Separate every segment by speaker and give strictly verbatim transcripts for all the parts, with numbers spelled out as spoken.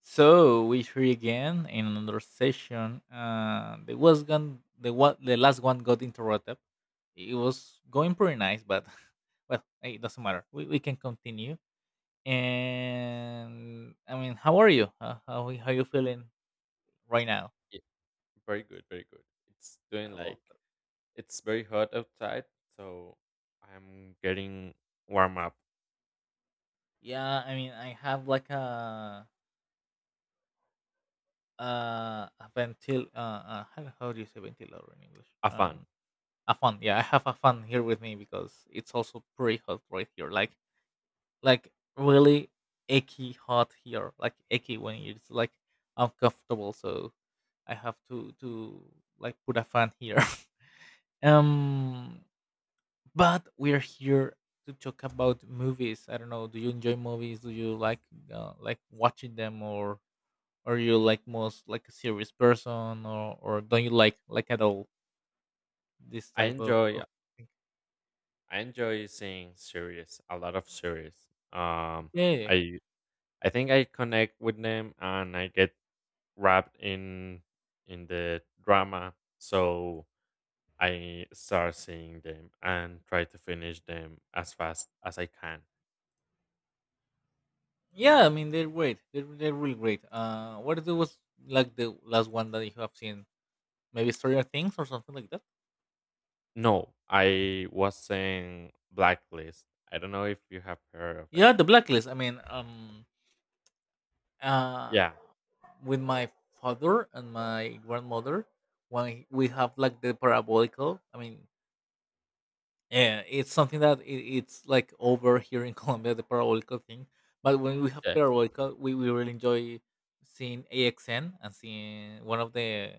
Speaker 1: So we three again in another session. Uh, the was gone. The what the last one got interrupted. It was going pretty nice, but well, hey, it doesn't matter. We, we can continue. And I mean, how are you? How how, how you feeling right now?
Speaker 2: Yeah, very good, very good. It's
Speaker 1: Uh,
Speaker 2: doing
Speaker 1: Well,
Speaker 2: like it's very hot outside, so I'm getting warm up.
Speaker 1: yeah. I mean, I have like a uh a ventil. Uh, uh how, how do you say ventilator in English?
Speaker 2: A fun.
Speaker 1: Um, a fan. Yeah, I have a fan here with me because it's also pretty hot right here. Like like really achy hot here, like achy when it's like uncomfortable. So I have to to like put a fan here. um, but we're here to talk about movies. I don't know. Do you enjoy movies? Do you like uh, like watching them, or are you like most like a serious person, or or don't you like like at all this
Speaker 2: I
Speaker 1: type of
Speaker 2: enjoy
Speaker 1: of thing?
Speaker 2: I enjoy seeing series, a lot of series. Um
Speaker 1: Yeah.
Speaker 2: I I think I connect with them and I get wrapped in in the drama, so I start seeing them and try to finish them as fast as I can.
Speaker 1: Yeah, I mean they're great. They're they're really great. Uh, what it was like the last one that you have seen? Maybe Stranger Things or something like that.
Speaker 2: No, I was saying Blacklist. I don't know if you have heard of it.
Speaker 1: Yeah, The Blacklist. I mean, um, uh,
Speaker 2: Yeah.
Speaker 1: with my father and my grandmother, when we have like the parabolical, I mean, yeah, it's something that it, it's like over here in Colombia, the parabolical thing. But when we have
Speaker 2: Yes.
Speaker 1: parabolical, we, we really enjoy seeing A X N and seeing one of the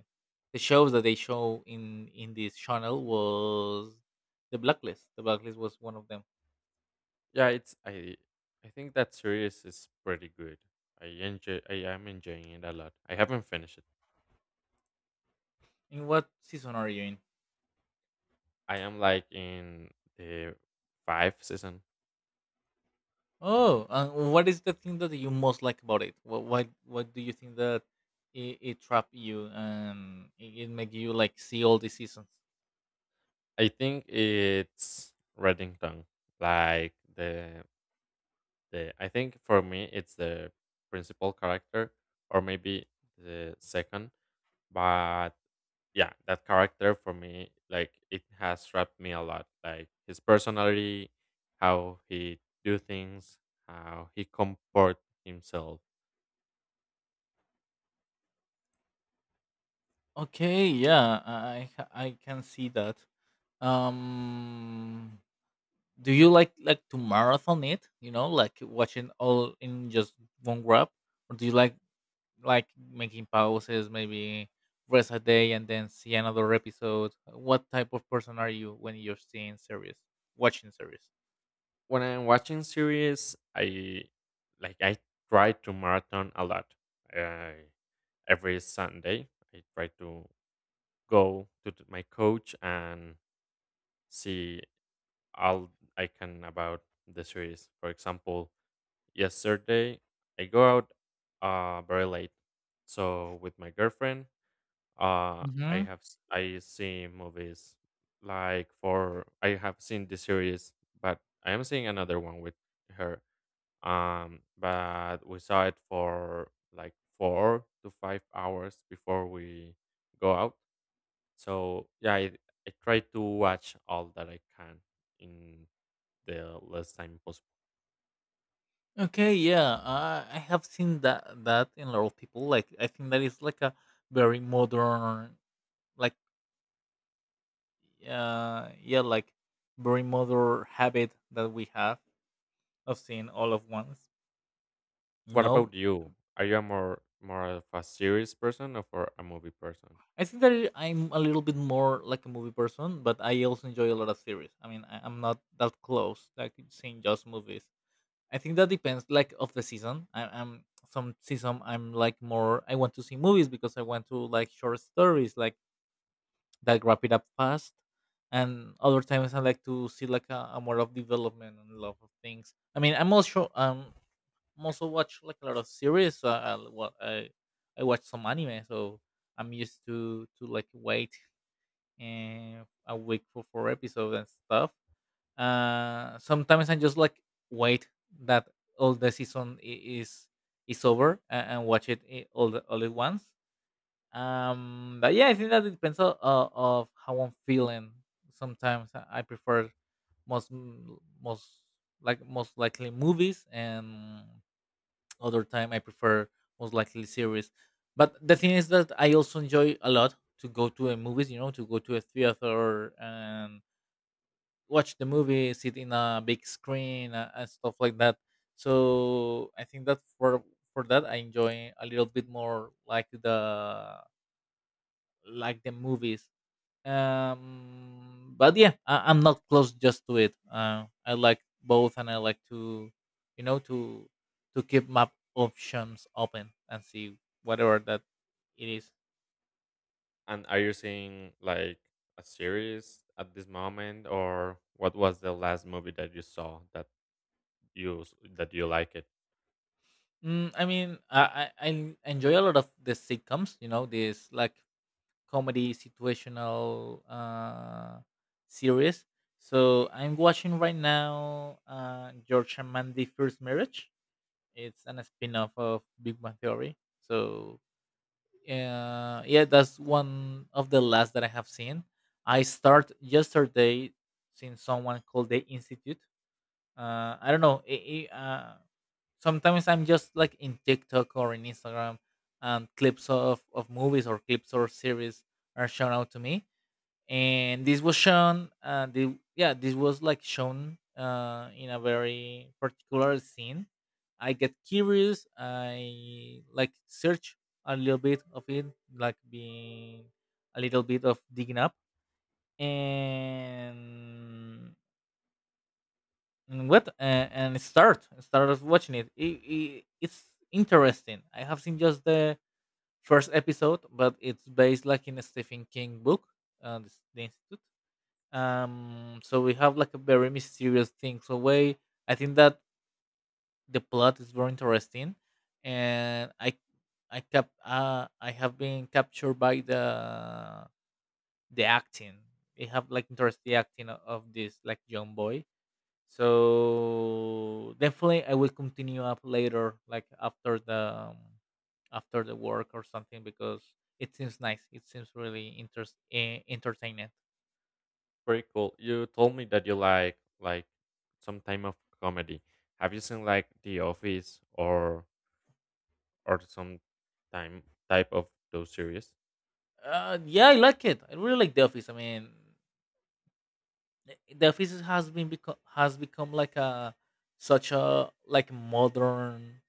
Speaker 1: the shows that they show in in this channel was the Blacklist. The Blacklist was one of them.
Speaker 2: Yeah, it's I I think that series is pretty good. I enjoy I am enjoying it a lot. I haven't finished it.
Speaker 1: In what season are you in?
Speaker 2: I am like in the fifth season.
Speaker 1: Oh, and what is the thing that you most like about it? What what, what do you think that it, it trapped you and it, it make you like see all the seasons?
Speaker 2: I think it's Reddington. Like the the I think for me it's the principal character or maybe the second. But yeah, that character for me, like it has wrapped me a lot. Like his personality, how he do things, how he comport himself.
Speaker 1: Okay, yeah, I I I can see that. Um, do you like like to marathon it? You know, like watching all in just one grab, or do you like like making pauses, maybe rest a day and then see another episode? What type of person are you when you're seeing series, watching series?
Speaker 2: When I'm watching series, I like I try to marathon a lot. I, every Sunday, I try to go to th- my coach and see all I can about the series. For example, yesterday I go out uh very late. So with my girlfriend, uh I have s- I see movies like for I have seen the series, but I am seeing another one with her. Um but we saw it for like four to five hours before we go out. So yeah, I, I try to watch all that I can in the less time possible.
Speaker 1: Okay, yeah, I, I have seen that that in a lot of people. Like, I think that is like a very modern, like, uh, yeah, like very modern habit that we have of seeing all of once. You
Speaker 2: What
Speaker 1: know,
Speaker 2: about you? Are you a more more of a series person or for a movie person?
Speaker 1: I think that I'm a little bit more like a movie person, but I also enjoy a lot of series. I mean, I, I'm not that close like seeing just movies. I think that depends like of the season. I, I'm some season I'm like more. I want to see movies because I want to like short stories like that wrap it up fast. And other times I like to see like a, a more of development and love of things. I mean, I'm also um I'm also watch like a lot of series. Uh, I, well, I I watch some anime, so I'm used to to like wait uh, a week for four episodes and stuff. Uh, sometimes I just like wait that all the season i- is is over and, and watch it i- all the, all at once. Um but yeah, I think that it depends on, uh, of how I'm feeling. Sometimes i I prefer most m- most like most likely movies, and other time I prefer most likely series. But the thing is that I also enjoy a lot to go to a movies, you know, to go to a theater and watch the movie sit in a big screen, uh, and stuff like that. So I think that for for that I enjoy a little bit more like the like the movies. Um, but yeah, I, I'm not close just to it. Uh, I like both, and I like to, you know, to to keep my options open and see whatever that it is.
Speaker 2: And are you seeing like a series at this moment, or what was the last movie that you saw that you s- that you like it?
Speaker 1: Mm, I mean, I, I I enjoy a lot of the sitcoms. You know, this like comedy situational uh series. So I'm watching right now uh, George and Mandy First Marriage. It's an spin-off of Big Bang Theory. So uh, yeah, that's one of the last that I have seen. I start yesterday seeing someone called the Institute. Uh, I don't know. I I uh, Sometimes I'm just like in TikTok or in Instagram, and clips of, of movies or clips or series are shown out to me, and this was shown uh the, yeah, this was like shown uh in a very particular scene. I get curious, I like search a little bit of it, like being a little bit of digging up, and and what uh, and start started watching it. It, it it's interesting. I have seen just the first episode, but it's based like in a Stephen King book, uh, the, the Institute. Um, so we have like a very mysterious thing, so way I think that the plot is very interesting, and i i kept, uh I have been captured by the the acting. They have like interesting acting o- of this like young boy, so definitely I will continue up later, like after the um, after the work or something, because it seems nice, it seems really interest eh, entertaining.
Speaker 2: Pretty cool. You told me that you like like some time of comedy. Have you seen like The Office or or some time type of those series?
Speaker 1: Uh, yeah, I like it. I really like The Office. I mean, The Office has been become has become like a such a like modern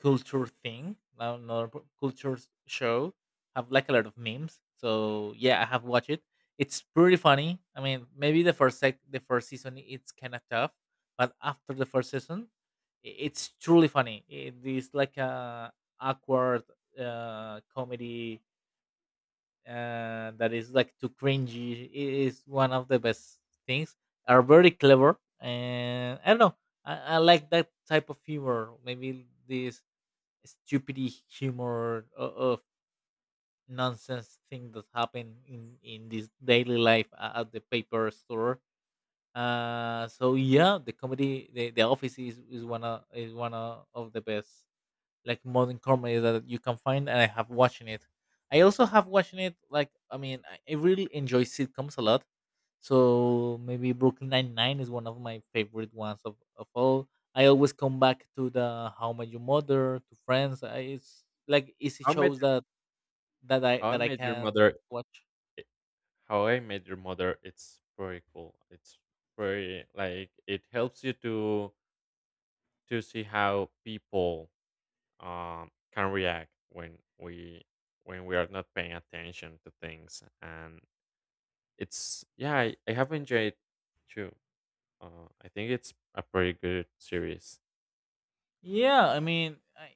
Speaker 1: culture thing. Now, another p- culture s- show have like a lot of memes. So yeah, I have watched it. It's pretty funny. I mean, maybe the first sec- the first season it's kind of tough, but after the first season, i- it's truly funny. It is like a awkward uh comedy, uh, that is like too cringy. It is one of the best things. Are very clever, and I don't know. I, I like that type of humor. Maybe this stupid humor o- of nonsense thing that happen in in this daily life a- at the paper store. Uh, so yeah, the comedy, the, the office is, is one of is one of of the best like modern comedy that you can find, and I have watching it. I also have watching it. Like I mean, I I really enjoy sitcoms a lot. So maybe Brooklyn Nine Nine is one of my favorite ones of, of all. I always come back to the How I Met Your Mother, to Friends. I, it's like easy
Speaker 2: How I Met
Speaker 1: shows
Speaker 2: Your,
Speaker 1: that that I
Speaker 2: How I
Speaker 1: that I
Speaker 2: Met Your
Speaker 1: can
Speaker 2: Mother
Speaker 1: watch.
Speaker 2: it- How I Met Your Mother, it's very cool. It's very like it helps you to to see how people um can react when we when we are not paying attention to things, and it's yeah, I, I have enjoyed too. Uh, I think it's a pretty good series.
Speaker 1: Yeah, I mean, I,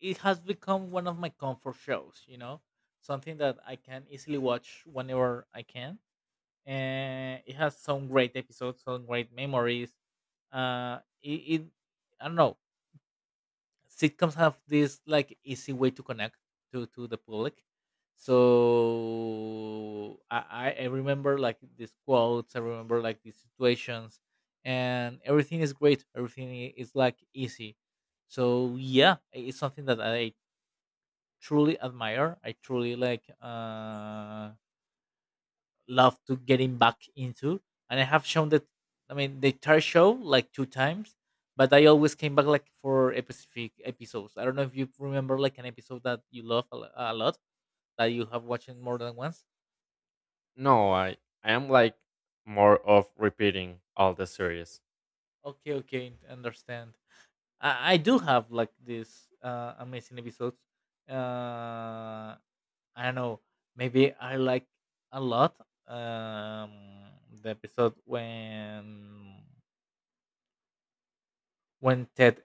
Speaker 1: it has become one of my comfort shows. You know, something that I can easily watch whenever I can, and it has some great episodes, some great memories. Uh, it, it I don't know. Sitcoms have this like easy way to connect to to the public. So I I I remember like these quotes. I remember like these situations, and everything is great. Everything i- is like easy. So yeah, i- it's something that I truly admire. I truly like. Uh, love to getting back into. And I have shown that, I mean the entire show like two times, but I always came back like for a specific episodes. I don't know if you remember like an episode that you love a, lo- a lot that you have watched it more than once.
Speaker 2: No, I I am like more of repeating all the series.
Speaker 1: Okay, okay, understand. I, I do have like these uh, amazing episodes. Uh, I don't know. Maybe I like a lot um, the episode when when Ted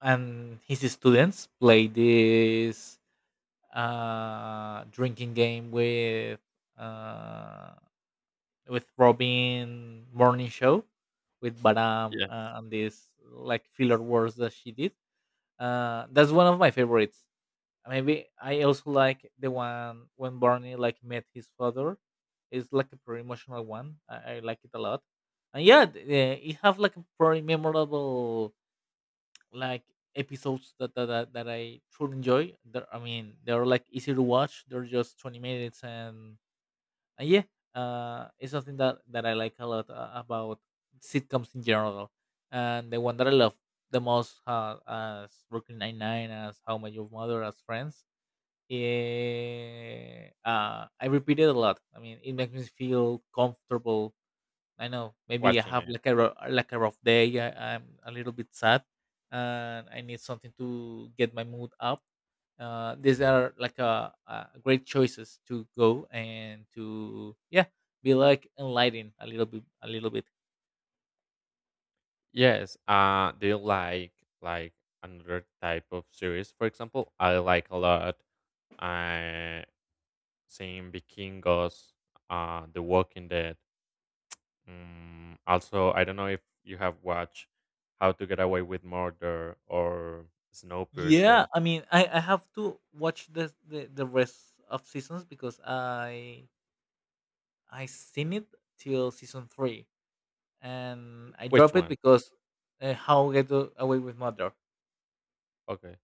Speaker 1: and his students play this uh, drinking game with uh, with Robin morning show with Baram,
Speaker 2: Yes,
Speaker 1: uh, and these like filler words that she did. Uh, that's one of my favorites. Maybe I also like the one when Barney like met his father. It's like a pretty emotional one. I, I like it a lot. And yeah, th- eh, it have like a pretty memorable like episodes that that, that, that I truly enjoy. They're, I mean, they're like easy to watch. They're just twenty minutes, and, and yeah, uh, it's something that that I like a lot uh, about sitcoms in general. And the one that I love the most, uh, as Brooklyn Nine Nine, as How I Met Your Mother, as Friends. Yeah, uh, I repeat it a lot. I mean, it makes me feel comfortable. I know maybe I
Speaker 2: watching
Speaker 1: have
Speaker 2: it.
Speaker 1: like a ro- like a rough day. I, I'm a little bit sad, and I need something to get my mood up. Uh, these are like a, uh great choices to go and to yeah be like enlightened a little bit a little bit.
Speaker 2: Yes. Uh, do you like like another type of series? For example, I like a lot uh, seeing Vikingos, uh, The Walking Dead. Mm, also, I don't know if you have watched How to Get Away with Murder or
Speaker 1: Yeah,
Speaker 2: Snowpiercer.
Speaker 1: I mean I, I have to watch the, the the rest of seasons because I I seen it till season three and I
Speaker 2: Which
Speaker 1: drop it
Speaker 2: one?
Speaker 1: because uh, How Get Away with Murder
Speaker 2: Okay.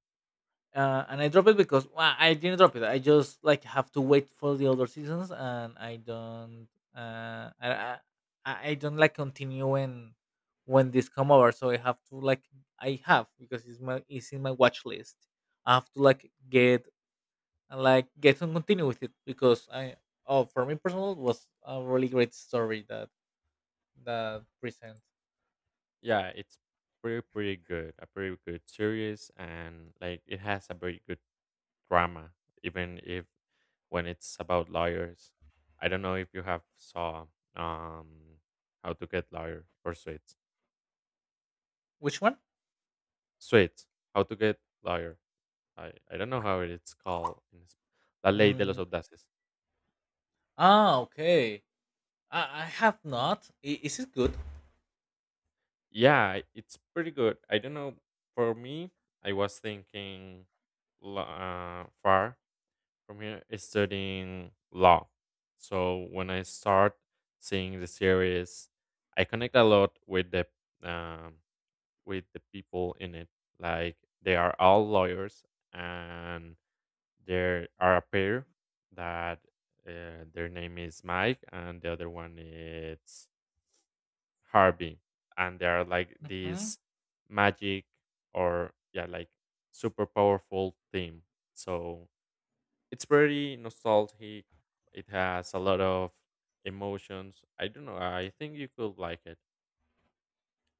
Speaker 1: uh, and I drop it because well, I didn't drop it. I just like have to wait for the other seasons, and I don't, uh, I, I, I I don't like continue when when this come over. So I have to like I have because it's my, it's in my watch list. I have to like get like get and continue with it. Because I oh for me personal, it was a really great story that that present.
Speaker 2: Yeah, it's pretty pretty good. A pretty good series, and like it has a very good drama, even if when it's about lawyers. I don't know if you have saw um how to get lawyer or suits.
Speaker 1: Which one?
Speaker 2: Suits. How to get lawyer. I, I don't know how it's called in Sp- La Ley de los
Speaker 1: Mm.
Speaker 2: Audaces.
Speaker 1: Ah, okay. I, I have not. I, is it good?
Speaker 2: Yeah, i- it's pretty good. I don't know. For me, I was thinking lo- uh, far from here is studying law. So when I start seeing the series, I connect a lot with the um, with the people in it. Like they are all lawyers, and there are a pair that uh, their name is Mike, and the other one is Harvey, and they are like this magic or yeah, like super powerful team. So it's pretty nostalgic. It has a lot of emotions. I don't know. I think you could like it.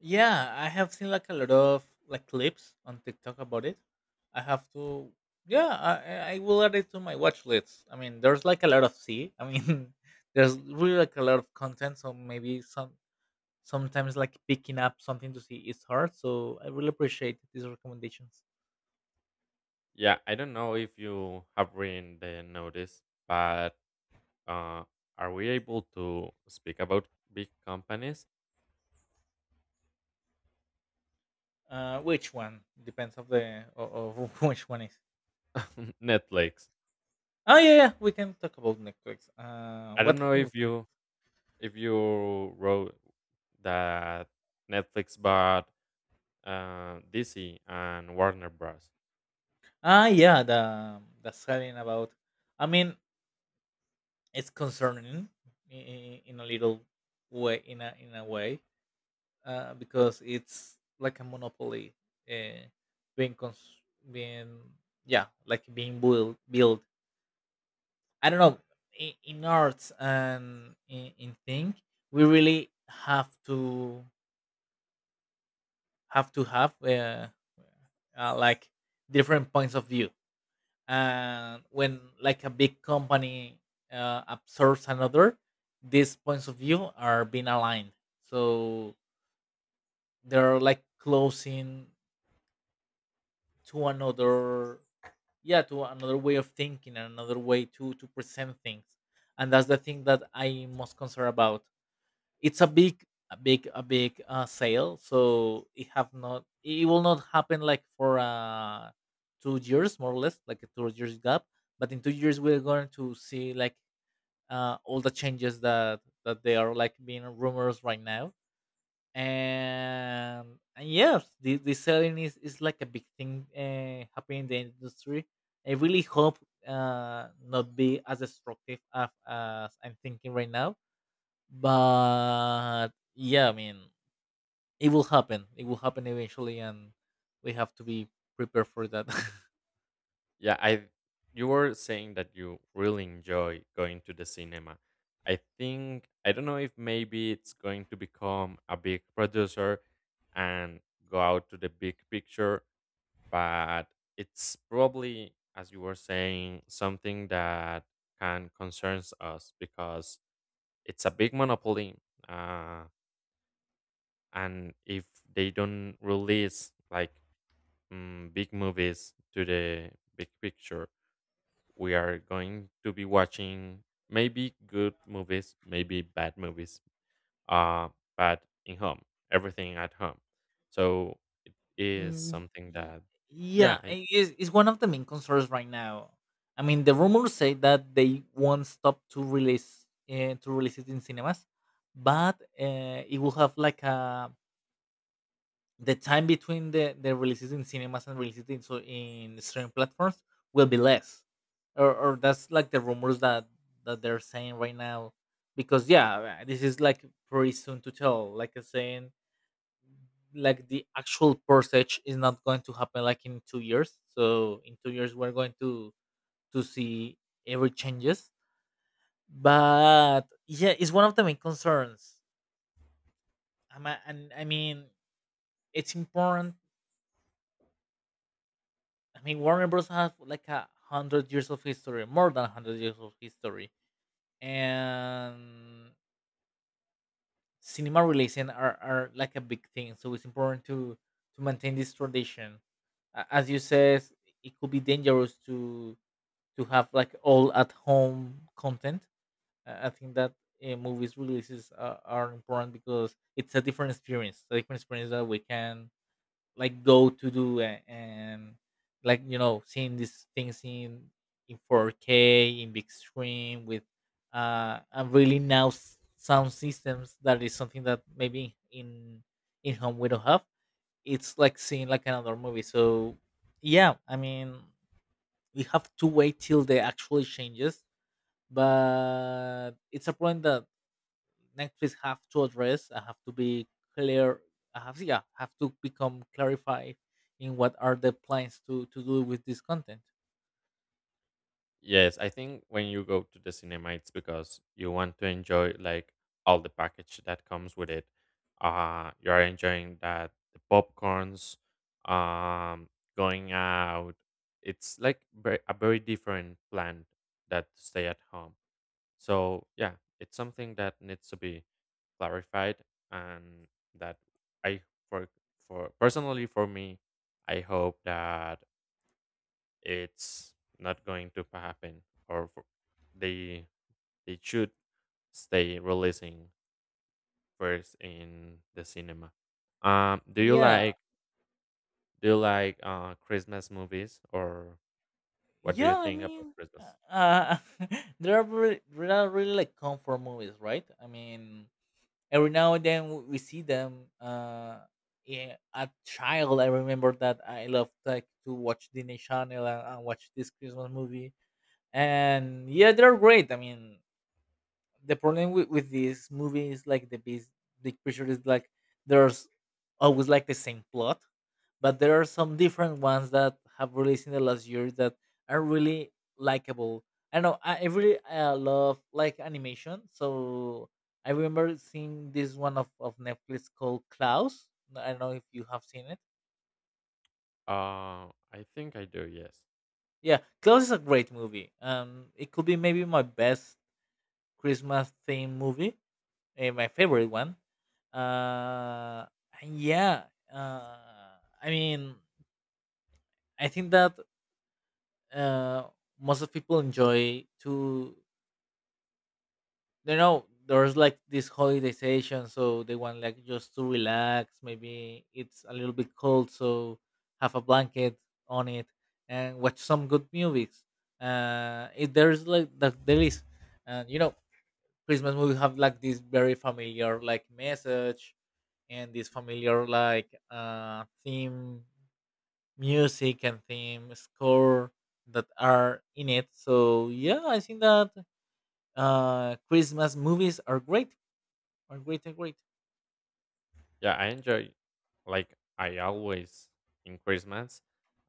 Speaker 1: Yeah, I have seen like a lot of like clips on TikTok about it. I have to, yeah, I, I I will add it to my watch list. I mean, there's like a lot of sea. I mean, there's really like a lot of content. So maybe some sometimes like picking up something to see is hard. So I really appreciate these recommendations.
Speaker 2: Yeah, I don't know if you have read the notice, but uh, are we able to speak about big companies?
Speaker 1: Uh, which one depends of the o- of which one is.
Speaker 2: Netflix.
Speaker 1: Oh yeah, yeah, we can talk about Netflix. Uh,
Speaker 2: I
Speaker 1: what
Speaker 2: don't know
Speaker 1: happened with
Speaker 2: if
Speaker 1: Netflix?
Speaker 2: you if you wrote that Netflix bought uh, D C and Warner Bros.
Speaker 1: Ah yeah, the the selling about. I mean, it's concerning in, in a little way, in a in a way, uh, because it's like a monopoly, uh, being cons- being yeah, like being built built, I don't know, in, in arts and in, in thing. We really have to have to have uh, uh, like different points of view. And when like a big company uh, absorbs another, these points of view are being aligned. So they're like closing to another, yeah, to another way of thinking and another way to to present things. And that's the thing that I most concerned about. It's a big a big a big uh, sale. So it have not it will not happen like for uh two years, more or less, like a two years gap. But in two years we're going to see like uh, all the changes that that they are like being rumors right now. And and yes, the, the selling is, is like a big thing, uh, happening in the industry. I really hope uh not be as destructive as, as I'm thinking right now. But yeah, I mean, it will happen it will happen eventually, and we have to be prepared for that.
Speaker 2: Yeah, I you were saying that you really enjoy going to the cinema. I think I don't know if maybe it's going to become a big producer and go out to the big picture, but it's probably, as you were saying, something that can concerns us because it's a big monopoly, uh, and if they don't release like mm, big movies to the big picture, we are going to be watching maybe good movies, maybe bad movies, uh, but in home, everything at home. So it is
Speaker 1: Mm,
Speaker 2: something
Speaker 1: y-
Speaker 2: that, yeah.
Speaker 1: yeah, i- it's, it's one of the main concerns right now. I mean, the rumors say that they won't stop to release uh, to release it in cinemas, but uh, it will have like a the time between the, the releases in cinemas and releases in so in streaming platforms will be less, or, or that's like the rumors that that they're saying right now. Because yeah, uh, this is like pretty soon to tell. Like I saying, like the actual purchase is not going to happen like in two years. So in two years we're going to to see every changes. But yeah, it's one of the main concerns. Um, I and I mean, it's important. I mean, Warner Bros. Have like a hundred years of history, more than hundred years of history, and cinema relation are are like a big thing. So it's important to to maintain this tradition. A- As you says, it could be dangerous to to have like all at home content. Uh, I think that uh, movies releases uh, are important because it's a different experience, a different experience that we can like go to do and, and, like you know seeing these things in in four K in big screen with uh and really now s- sound systems, that is something that maybe in in home we don't have. It's like seeing like another movie. So yeah, I mean, we have to wait till the actual changes, but it's a problem that Netflix have to address. I have to be clear. I have Yeah, have to become clarified in what are the plans to to do with this content.
Speaker 2: Yes, I think when you go to the cinema, it's because you want to enjoy like all the package that comes with it. Uh, you are enjoying that the popcorns, um, going out. It's like very, a very different plan that stay at home. So yeah, it's something that needs to be clarified, and that, I for for personally for me, I hope that it's not going to happen, or for, they they should stay releasing first in the cinema. um do you
Speaker 1: Yeah,
Speaker 2: like do you like uh Christmas movies, or what do you
Speaker 1: yeah. I
Speaker 2: think about
Speaker 1: mean,
Speaker 2: Christmas?
Speaker 1: uh, there are really, there are really like comfort movies, right? I mean, every now and then w- we see them. Uh, yeah, a child, I remember that I loved like to watch Disney Channel and, and watch this Christmas movie. And yeah, they're great. I mean, the problem with, with this movie is like the big big picture is like there's always like the same plot, but there are some different ones that have released in the last year that are really likable. I know, I, I really uh, love like animation. So I remember seeing this one of, of Netflix called Klaus. I don't know if you have seen it.
Speaker 2: uh I think I do, yes.
Speaker 1: Yeah, Klaus is a great movie. Um, it could be maybe my best Christmas theme movie, eh, my favorite one. Uh, and yeah, uh, I mean, I think that uh, most of people enjoy to, you know, there's like this holiday session, so they want like just to relax. Maybe it's a little bit cold, so have a blanket on it and watch some good movies. Uh, it, there's like that there is, and you know, Christmas movies have like this very familiar like message and this familiar like uh, theme music and theme score that are in it. So yeah, I think that uh, Christmas movies are great, are great, are great.
Speaker 2: Yeah, I enjoy like, I always in Christmas,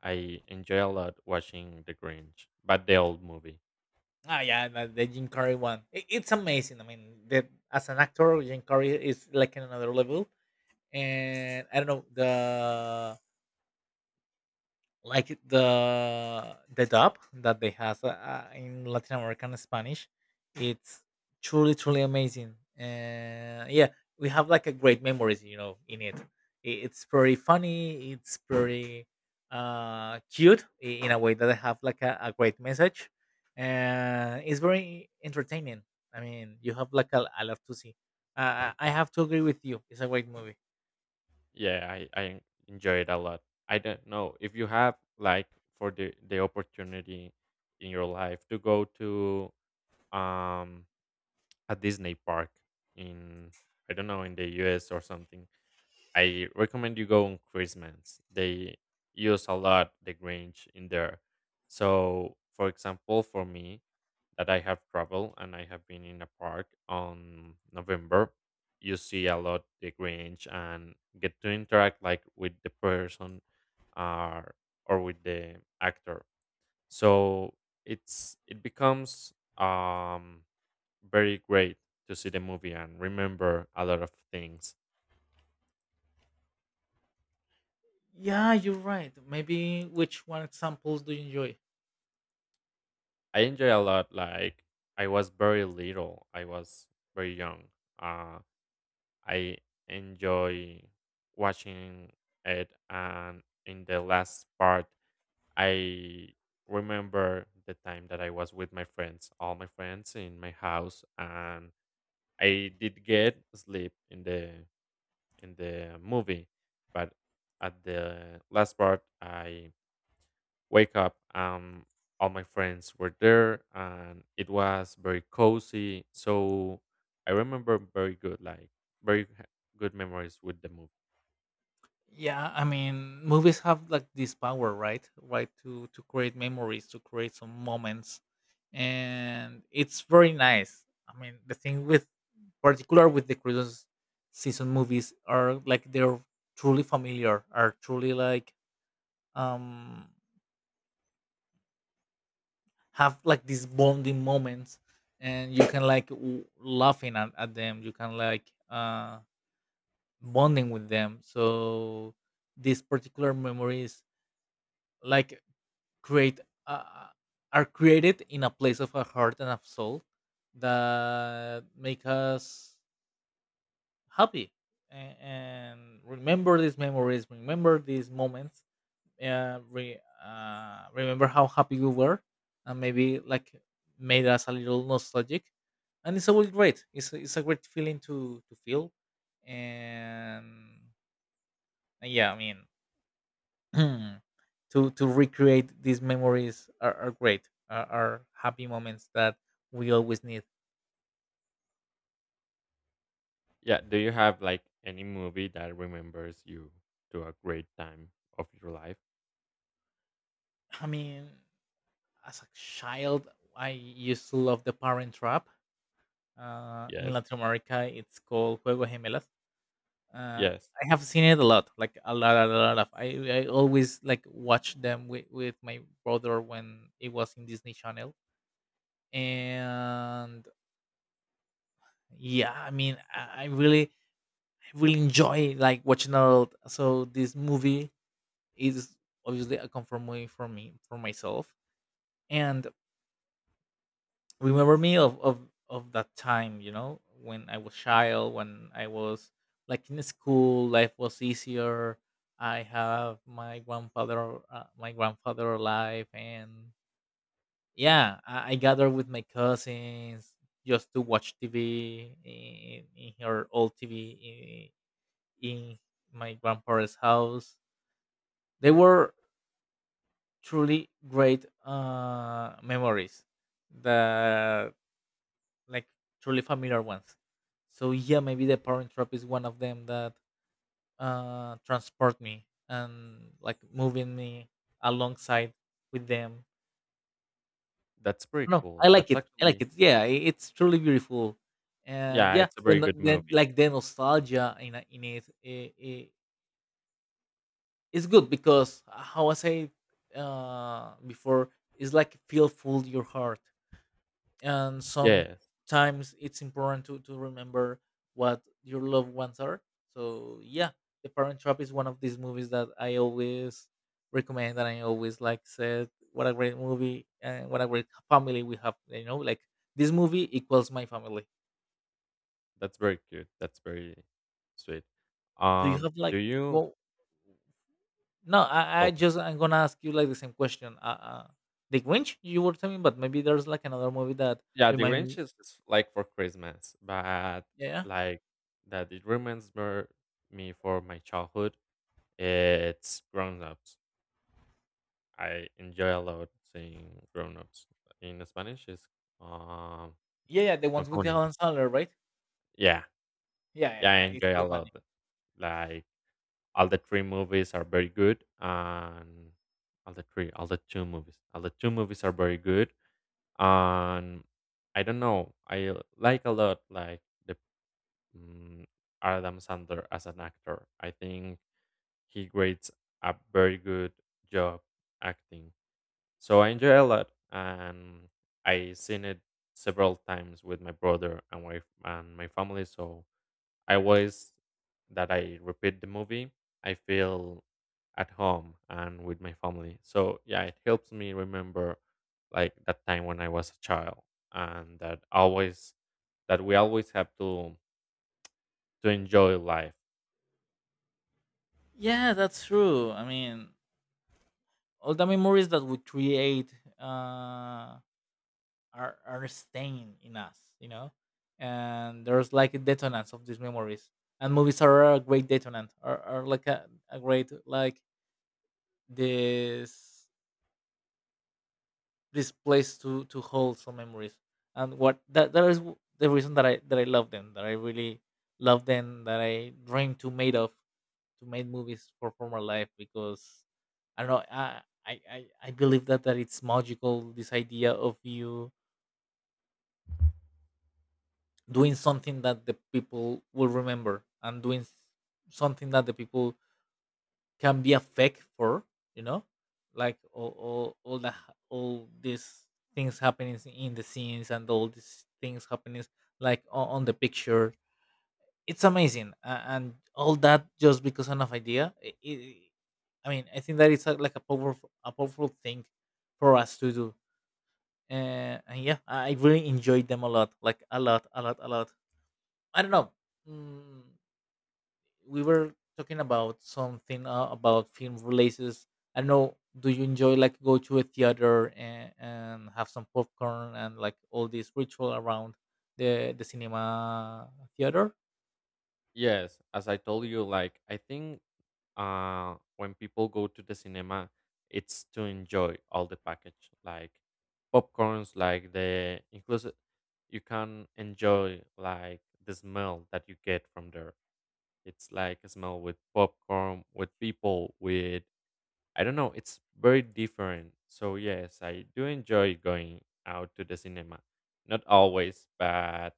Speaker 2: I enjoy a lot watching the Grinch, but the old movie.
Speaker 1: Ah, yeah, the, the Jim Carrey one. It, it's amazing. I mean, that as an actor, Jim Carrey is like in another level. And I don't know the. Like the the dub that they has uh, uh, in Latin American Spanish, it's truly truly amazing. Uh, yeah, we have like a great memories, you know, in it. I- It's pretty funny. It's pretty uh, cute, i- in a way that they have like a, a great message. Uh, it's very entertaining. I mean, you have like a, a lot to see. Uh, I I have to agree with you. It's a great movie.
Speaker 2: Yeah, I, I enjoy it a lot. I don't know if you have like for the the opportunity in your life to go to um a Disney park in, I don't know, in the U S or something. I recommend you go on Christmas. They use a lot the Grinch in there. So, for example, for me, that I have traveled and I have been in a park on November, you see a lot the Grinch and get to interact like with the person, uh, or with the actor. So it's it becomes, um, very great to see the movie and remember a lot of things.
Speaker 1: Yeah, you're right. Maybe which one examples do you enjoy?
Speaker 2: I enjoy a lot. Like I was very little, I was very young. Um, I enjoy watching it. And in the last part, I remember the time that I was with my friends, all my friends in my house, and I did get sleep in the in the movie, but at the last part, I wake up. Um, all my friends were there, and it was very cozy. So I remember very good, like very h- good memories with the movie.
Speaker 1: Yeah, I mean, movies have like this power, right? Right to to create memories, to create some moments, and it's very nice. I mean, the thing with particular with the Christmas season movies are like they're truly familiar, are truly like um have like these bonding moments, and you can like w- laughing at, at them. You can like uh bonding with them. So these particular memories like create uh, are created in a place of a heart and of soul that make us happy and, and remember these memories, remember these moments, uh, re, uh, remember how happy we were and maybe like made us a little nostalgic. And it's always great. It's, a- it's a great feeling to to feel. And, and yeah, I mean, to to recreate these memories are, are great, are, are happy moments that we always need.
Speaker 2: Yeah. Do you have like any movie that remembers you to a great time of your life?
Speaker 1: I mean, as a child, I used to love The Parent Trap. Uh, in
Speaker 2: Yes.
Speaker 1: Latin America it's called Juego de Gemelas. uh,
Speaker 2: Yes.
Speaker 1: I have seen it a lot, like a lot a lot, a lot. I, I always like watch them with, with my brother when it was in Disney Channel. And yeah, I mean, i, I really I really enjoy like watching a lot. So this movie is obviously a comfort movie for me, for myself. And remember me of of of that time, you know when I was child, when I was like in school, life was easier. I have my grandfather, uh, my grandfather alive. And yeah, I, I gather with my cousins just to watch TV in, in her old TV, in, in my grandparents house. They were truly great uh, memories. The, like truly familiar ones. So yeah, maybe The Parent Trap is one of them that uh, transport me and like moving me alongside with them.
Speaker 2: That's pretty
Speaker 1: No, I
Speaker 2: cool.
Speaker 1: like
Speaker 2: That's
Speaker 1: it. I like
Speaker 2: actually,
Speaker 1: it. Yeah, i- it's truly beautiful, and
Speaker 2: yeah,
Speaker 1: yeah,
Speaker 2: it's a very
Speaker 1: then the-
Speaker 2: good
Speaker 1: then
Speaker 2: movie.
Speaker 1: like the nostalgia in a- in it, I I it's good because uh, how I say uh, before, it's like feel full your heart, and
Speaker 2: Yes.
Speaker 1: sometimes it's important to, to remember what your loved ones are. So yeah, The Parent Trap is one of these movies that I always recommend. And I always like said, what a great movie and what a great family we have, you know like this movie equals my family.
Speaker 2: That's very cute. That's very sweet.
Speaker 1: Do you
Speaker 2: Um,
Speaker 1: have like,
Speaker 2: do you,
Speaker 1: well, no, i, I
Speaker 2: oh,
Speaker 1: just, I'm gonna ask you like the same question. Uh, uh the Grinch you were telling me, but maybe there's like another movie that
Speaker 2: yeah, The
Speaker 1: remind
Speaker 2: Grinch
Speaker 1: me.
Speaker 2: is is like for Christmas, but
Speaker 1: Yeah.
Speaker 2: like that it reminds mer- me for my childhood. It's Grown Ups. I enjoy a lot seeing Grown Ups. In Spanish, Is um,
Speaker 1: Yeah yeah the
Speaker 2: Son
Speaker 1: ones with
Speaker 2: como
Speaker 1: the Alan
Speaker 2: niños.
Speaker 1: Sandler, right?
Speaker 2: Yeah,
Speaker 1: Yeah,
Speaker 2: yeah, I
Speaker 1: yeah, yeah, it's
Speaker 2: enjoy a
Speaker 1: so funny.
Speaker 2: lot. Like, all the three movies are very good, and all the three, all the two movies. All the two movies are very good, and I don't know, I like a lot, like, the, mm, Adam Sandler as an actor. I think he grades a very good job acting. So I enjoy a lot, and I seen it several times with my brother and wife and my family. So I always that I repeat the movie, I feel at home and with my family. So yeah, it helps me remember like that time when I was a child, and that always that we always have to to enjoy life.
Speaker 1: Yeah, that's true. I mean, all the memories that we create uh, are are staying in us, you know. And there's like a detonance of these memories, and movies are a great detonant, are, are like a, a great like this this place to to hold some memories. And what that that is w- the reason that I that I love them, that I really love them, that I dream to made of to make movies for former life because I don't know. I I I I believe that that it's magical. This idea of you doing something that the people will remember and doing s- something that the people can be affect for. You know, like all all all the all these things happening in the scenes and all these things happening like on, on the picture it's amazing, uh, and all that just because of an idea. I i i mean I think that it's a, like a powerful a powerful thing for us to do. Uh, and yeah, I I really enjoyed them a lot, like a lot a lot a lot. I don't know. mm, we were talking about something, uh, about film releases. I don't know, do you enjoy like go to a theater and, and have some popcorn and like all this ritual around the the cinema theater?
Speaker 2: Yes, as I told you, like I think uh when people go to the cinema, it's to enjoy all the package, like popcorns, like the inclusive you can enjoy like the smell that you get from there. It's like a smell with popcorn, with people, with, I don't know, it's very different. So yes, I do enjoy going out to the cinema. Not always, but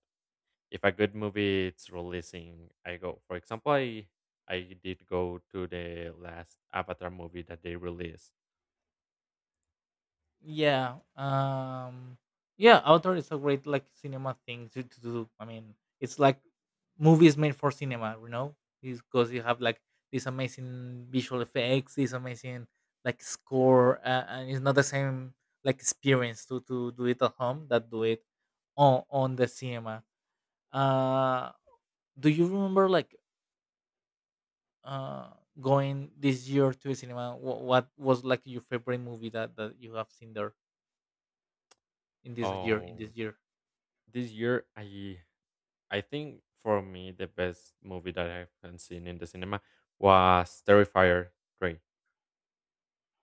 Speaker 2: if a good movie it's releasing, I go. For example, I I did go to the last Avatar movie that they released.
Speaker 1: Yeah. Um yeah, Avatar is a great like cinema thing to, to do. I mean, it's like movies made for cinema, you know? Because you have like these amazing visual effects, these amazing like score, uh, and it's not the same like experience to, to do it at home that do it on on the cinema. Uh, do you remember like uh going this year to a cinema? What, what was like your favorite movie that that you have seen there in this year in this
Speaker 2: Oh,
Speaker 1: year?
Speaker 2: this year, I I think for me the best movie that I've seen in the cinema was Terrifier three.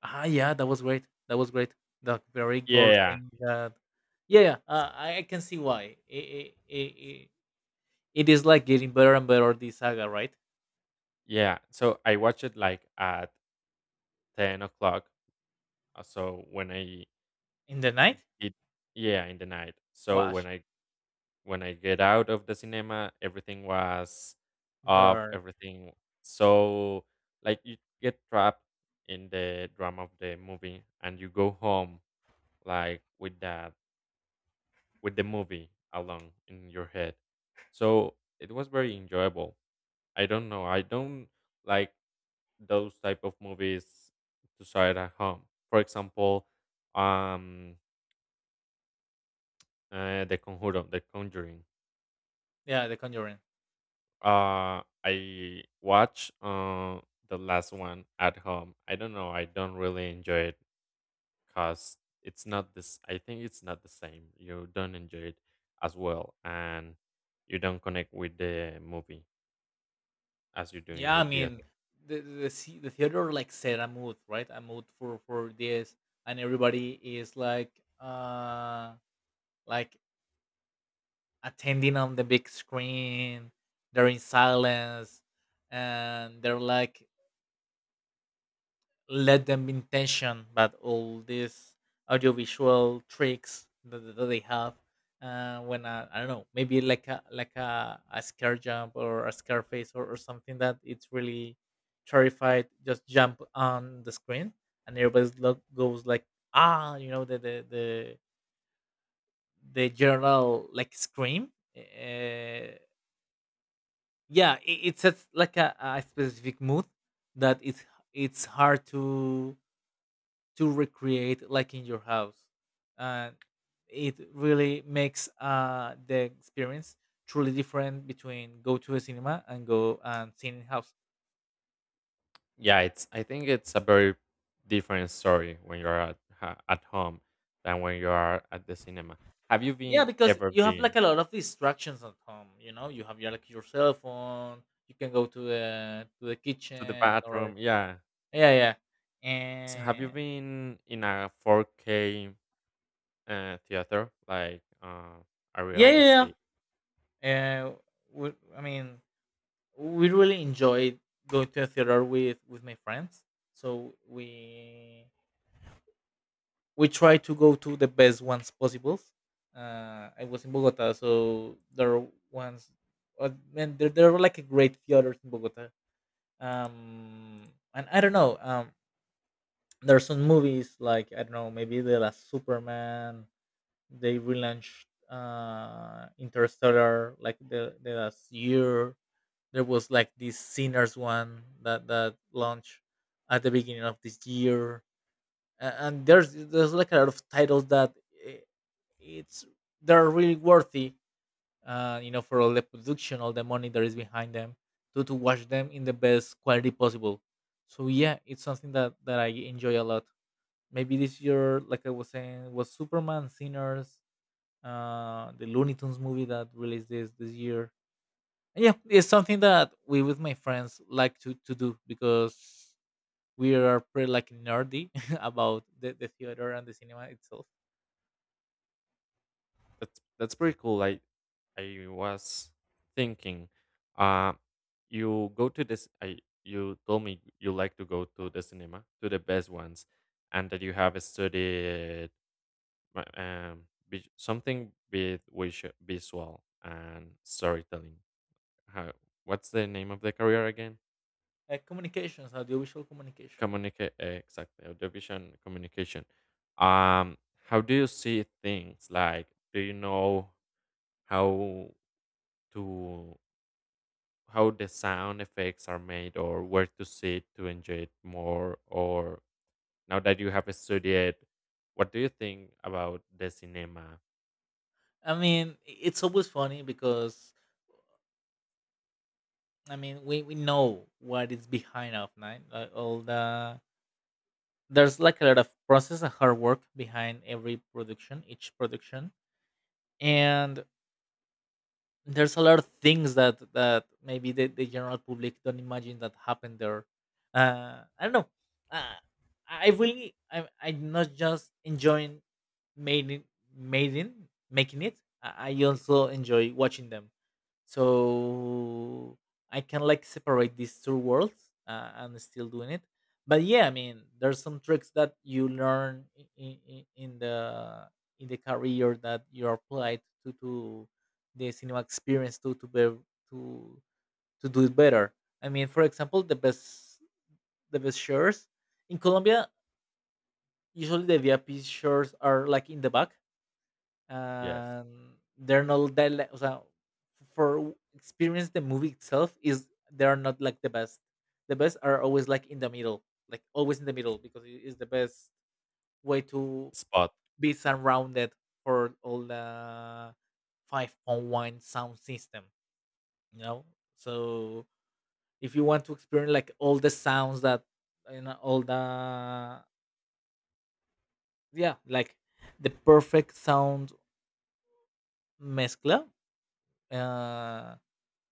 Speaker 1: Ah, yeah, that was great. That was great. The very gore
Speaker 2: Yeah,
Speaker 1: thing that, yeah, yeah, uh, I I can see why. It, it, it, it is like getting better and better this saga, right?
Speaker 2: yeah. So I watched it like at ten o'clock. uh, So when I
Speaker 1: In the night,
Speaker 2: did, yeah, in the night. So when
Speaker 1: wash
Speaker 2: I when I get out of the cinema, everything was off,
Speaker 1: the
Speaker 2: everything, so like you get trapped in the drama of the movie and you go home like with that, with the movie along in your head. So it was very enjoyable. I don't know. I don't like those type of movies to start at home. For example, um uh, the Conjuro, the Conjuring.
Speaker 1: yeah, the Conjuring.
Speaker 2: Uh, I watch uh, the last one at home. I don't know. I don't really enjoy it because it's not this. I think it's not the same. You don't enjoy it as well, and you don't connect with the movie as you do in
Speaker 1: Yeah,
Speaker 2: the
Speaker 1: I mean
Speaker 2: theater.
Speaker 1: the the the, the theater like set a mood, right? A mood for for this, and everybody is like uh like attending on the big screen. They're in silence, and they're like let them in tension but all these audiovisual tricks that, that they have, uh, when uh, I don't know, maybe like a like a, a scare jump or a scare face, or, or something that it's really terrified just jump on the screen and everybody lo- goes like ah, you know, the the the, the general like scream. uh, yeah, it, it sets like a, a specific mood that it's it's hard to to recreate like in your house, and it really makes uh the experience truly different between go to a cinema and go and seeing in house.
Speaker 2: Yeah, it's. I think it's a very different story when you're at ha- at home than when you are at the cinema. Have you
Speaker 1: Yeah,
Speaker 2: been
Speaker 1: because
Speaker 2: ever
Speaker 1: you have like
Speaker 2: been
Speaker 1: a lot of distractions at home, you know, you have your like your cell phone, you can go to the to the
Speaker 2: to the
Speaker 1: kitchen or
Speaker 2: bathroom? Yeah.
Speaker 1: yeah, yeah,
Speaker 2: So have you
Speaker 1: and
Speaker 2: been in a four K uh, theater, like uh, a
Speaker 1: yeah, yeah,
Speaker 2: realistic.
Speaker 1: yeah, uh, we, I mean we really enjoyed going to a theater with with my friends, so we we try to go to the best ones possible. Uh, I was in Bogota, so there are ones, uh, man, there, there are like a great theaters in Bogota. Um, and I don't know. Um, there are some movies like I don't know, maybe the last Superman. They relaunched, uh, Interstellar like the, the last year. There was like this Sinners one that that launched at the beginning of this year, a- and there's there's like a lot of titles that i- it's they're really worthy, uh you know, for all the production, all the money that is behind them, to to watch them in the best quality possible. So yeah, it's something that that I enjoy a lot. Maybe this year, like I was saying, was Superman, Sinners, uh the Looney Tunes movie that released this this year. And yeah, it's something that we with my friends like to to do because we are pretty like nerdy about the, the theater and the cinema itself.
Speaker 2: That's that's pretty cool. Like I was thinking, uh, you go to this. I You told me you like to go to the cinema, to the best ones, and that you have studied uh, um vis- something with which visual and storytelling. How, what's the name of the career again?
Speaker 1: Like communications, audiovisual communication.
Speaker 2: Communicate eh, exactly, audio-vision communication. Um, how do you see things? Like, do you know how to how the sound effects are made, or where to sit to enjoy it more? Or now that you have studied, what do you think about the cinema?
Speaker 1: I mean, i- it's always funny because I mean we, we know what is behind of nine. Like all the there's like a lot of process and hard work behind every production, each production. And there's a lot of things that that maybe the, the general public don't imagine that happened there. uh I don't know. uh, I really I, I'm not just enjoying making making making it, i I also enjoy watching them, so I can like separate these two worlds. uh, I still doing it, but yeah, I mean there's some tricks that you learn in, in, in the in the career that you applied to to the cinema experience to to be to to do it better. I mean, for example, the best the best shares in Colombia, usually the VIP shares are like in the back,
Speaker 2: Yes,
Speaker 1: and they're not that li- o sea, for experience the movie itself is they are not like the best. The best are always like in the middle, like always in the middle, because it is the best way to
Speaker 2: spot
Speaker 1: be surrounded for all the five point one sound system, you know. So if you want to experience like all the sounds that, you know, all the yeah, like the perfect sound mezcla. uh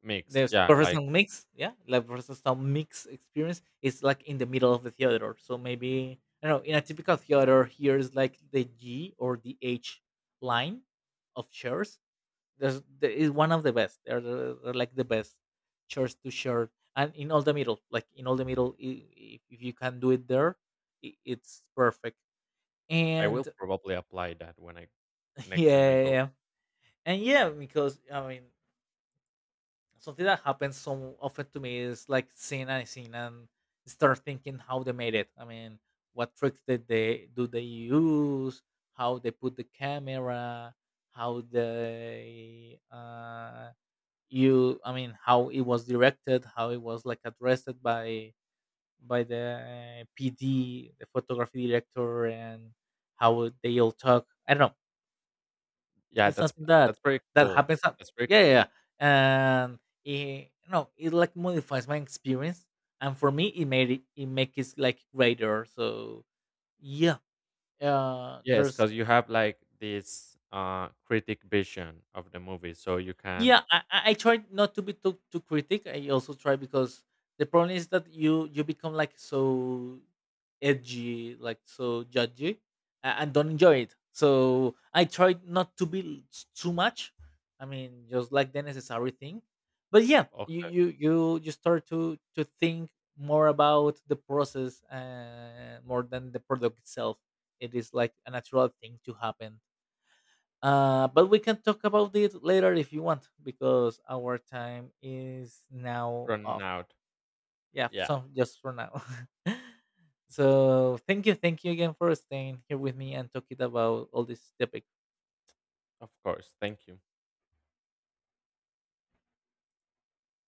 Speaker 2: mix.
Speaker 1: There's
Speaker 2: Yeah, like
Speaker 1: professional mix, yeah, like professional mix experience is like in the middle of the theater. So maybe I don't know. In a typical theater, here is like the G or the H line of chairs. There's there is one of the best. They're, the- they're like the best chairs to share, and in all the middle, like in all the middle, i- if, if you can do it there, I it's perfect.
Speaker 2: I
Speaker 1: And
Speaker 2: will probably apply that when I
Speaker 1: yeah,
Speaker 2: next time I
Speaker 1: yeah,
Speaker 2: go.
Speaker 1: yeah. And yeah, because I mean, something that happens so often to me is like seeing and seeing and start thinking how they made it. I mean, what tricks did they do they use? How they put the camera? How they uh, you? I mean, how it was directed? How it was like addressed by by the P D, the photography director, and how they all talk. I don't know,
Speaker 2: Yeah,
Speaker 1: it's
Speaker 2: that's
Speaker 1: something that
Speaker 2: that's pretty
Speaker 1: that
Speaker 2: cool.
Speaker 1: happens at
Speaker 2: That's pretty.
Speaker 1: yeah, yeah, yeah. And it, no, it like modifies my experience, and for me, it made it it makes it like greater. So yeah, uh,
Speaker 2: Yes,
Speaker 1: there's
Speaker 2: because you have like this uh critic vision of the movie, so you can,
Speaker 1: yeah, I, I I try not to be too too critic. I also try because the problem is that you you become like so edgy, like so judgy, a- and don't enjoy it. So I try not to be l- s- too much. I mean, just like the necessary thing. But yeah, you
Speaker 2: okay,
Speaker 1: you you you start to to think more about the process, uh, more than the product itself. It is like a natural thing to happen, uh, but we can talk about it later if you want, because our time is now
Speaker 2: running
Speaker 1: off.
Speaker 2: out.
Speaker 1: Yeah,
Speaker 2: Yeah,
Speaker 1: so just for now. So thank you, thank you again for staying here with me and talking about all these topics.
Speaker 2: of course. Thank you.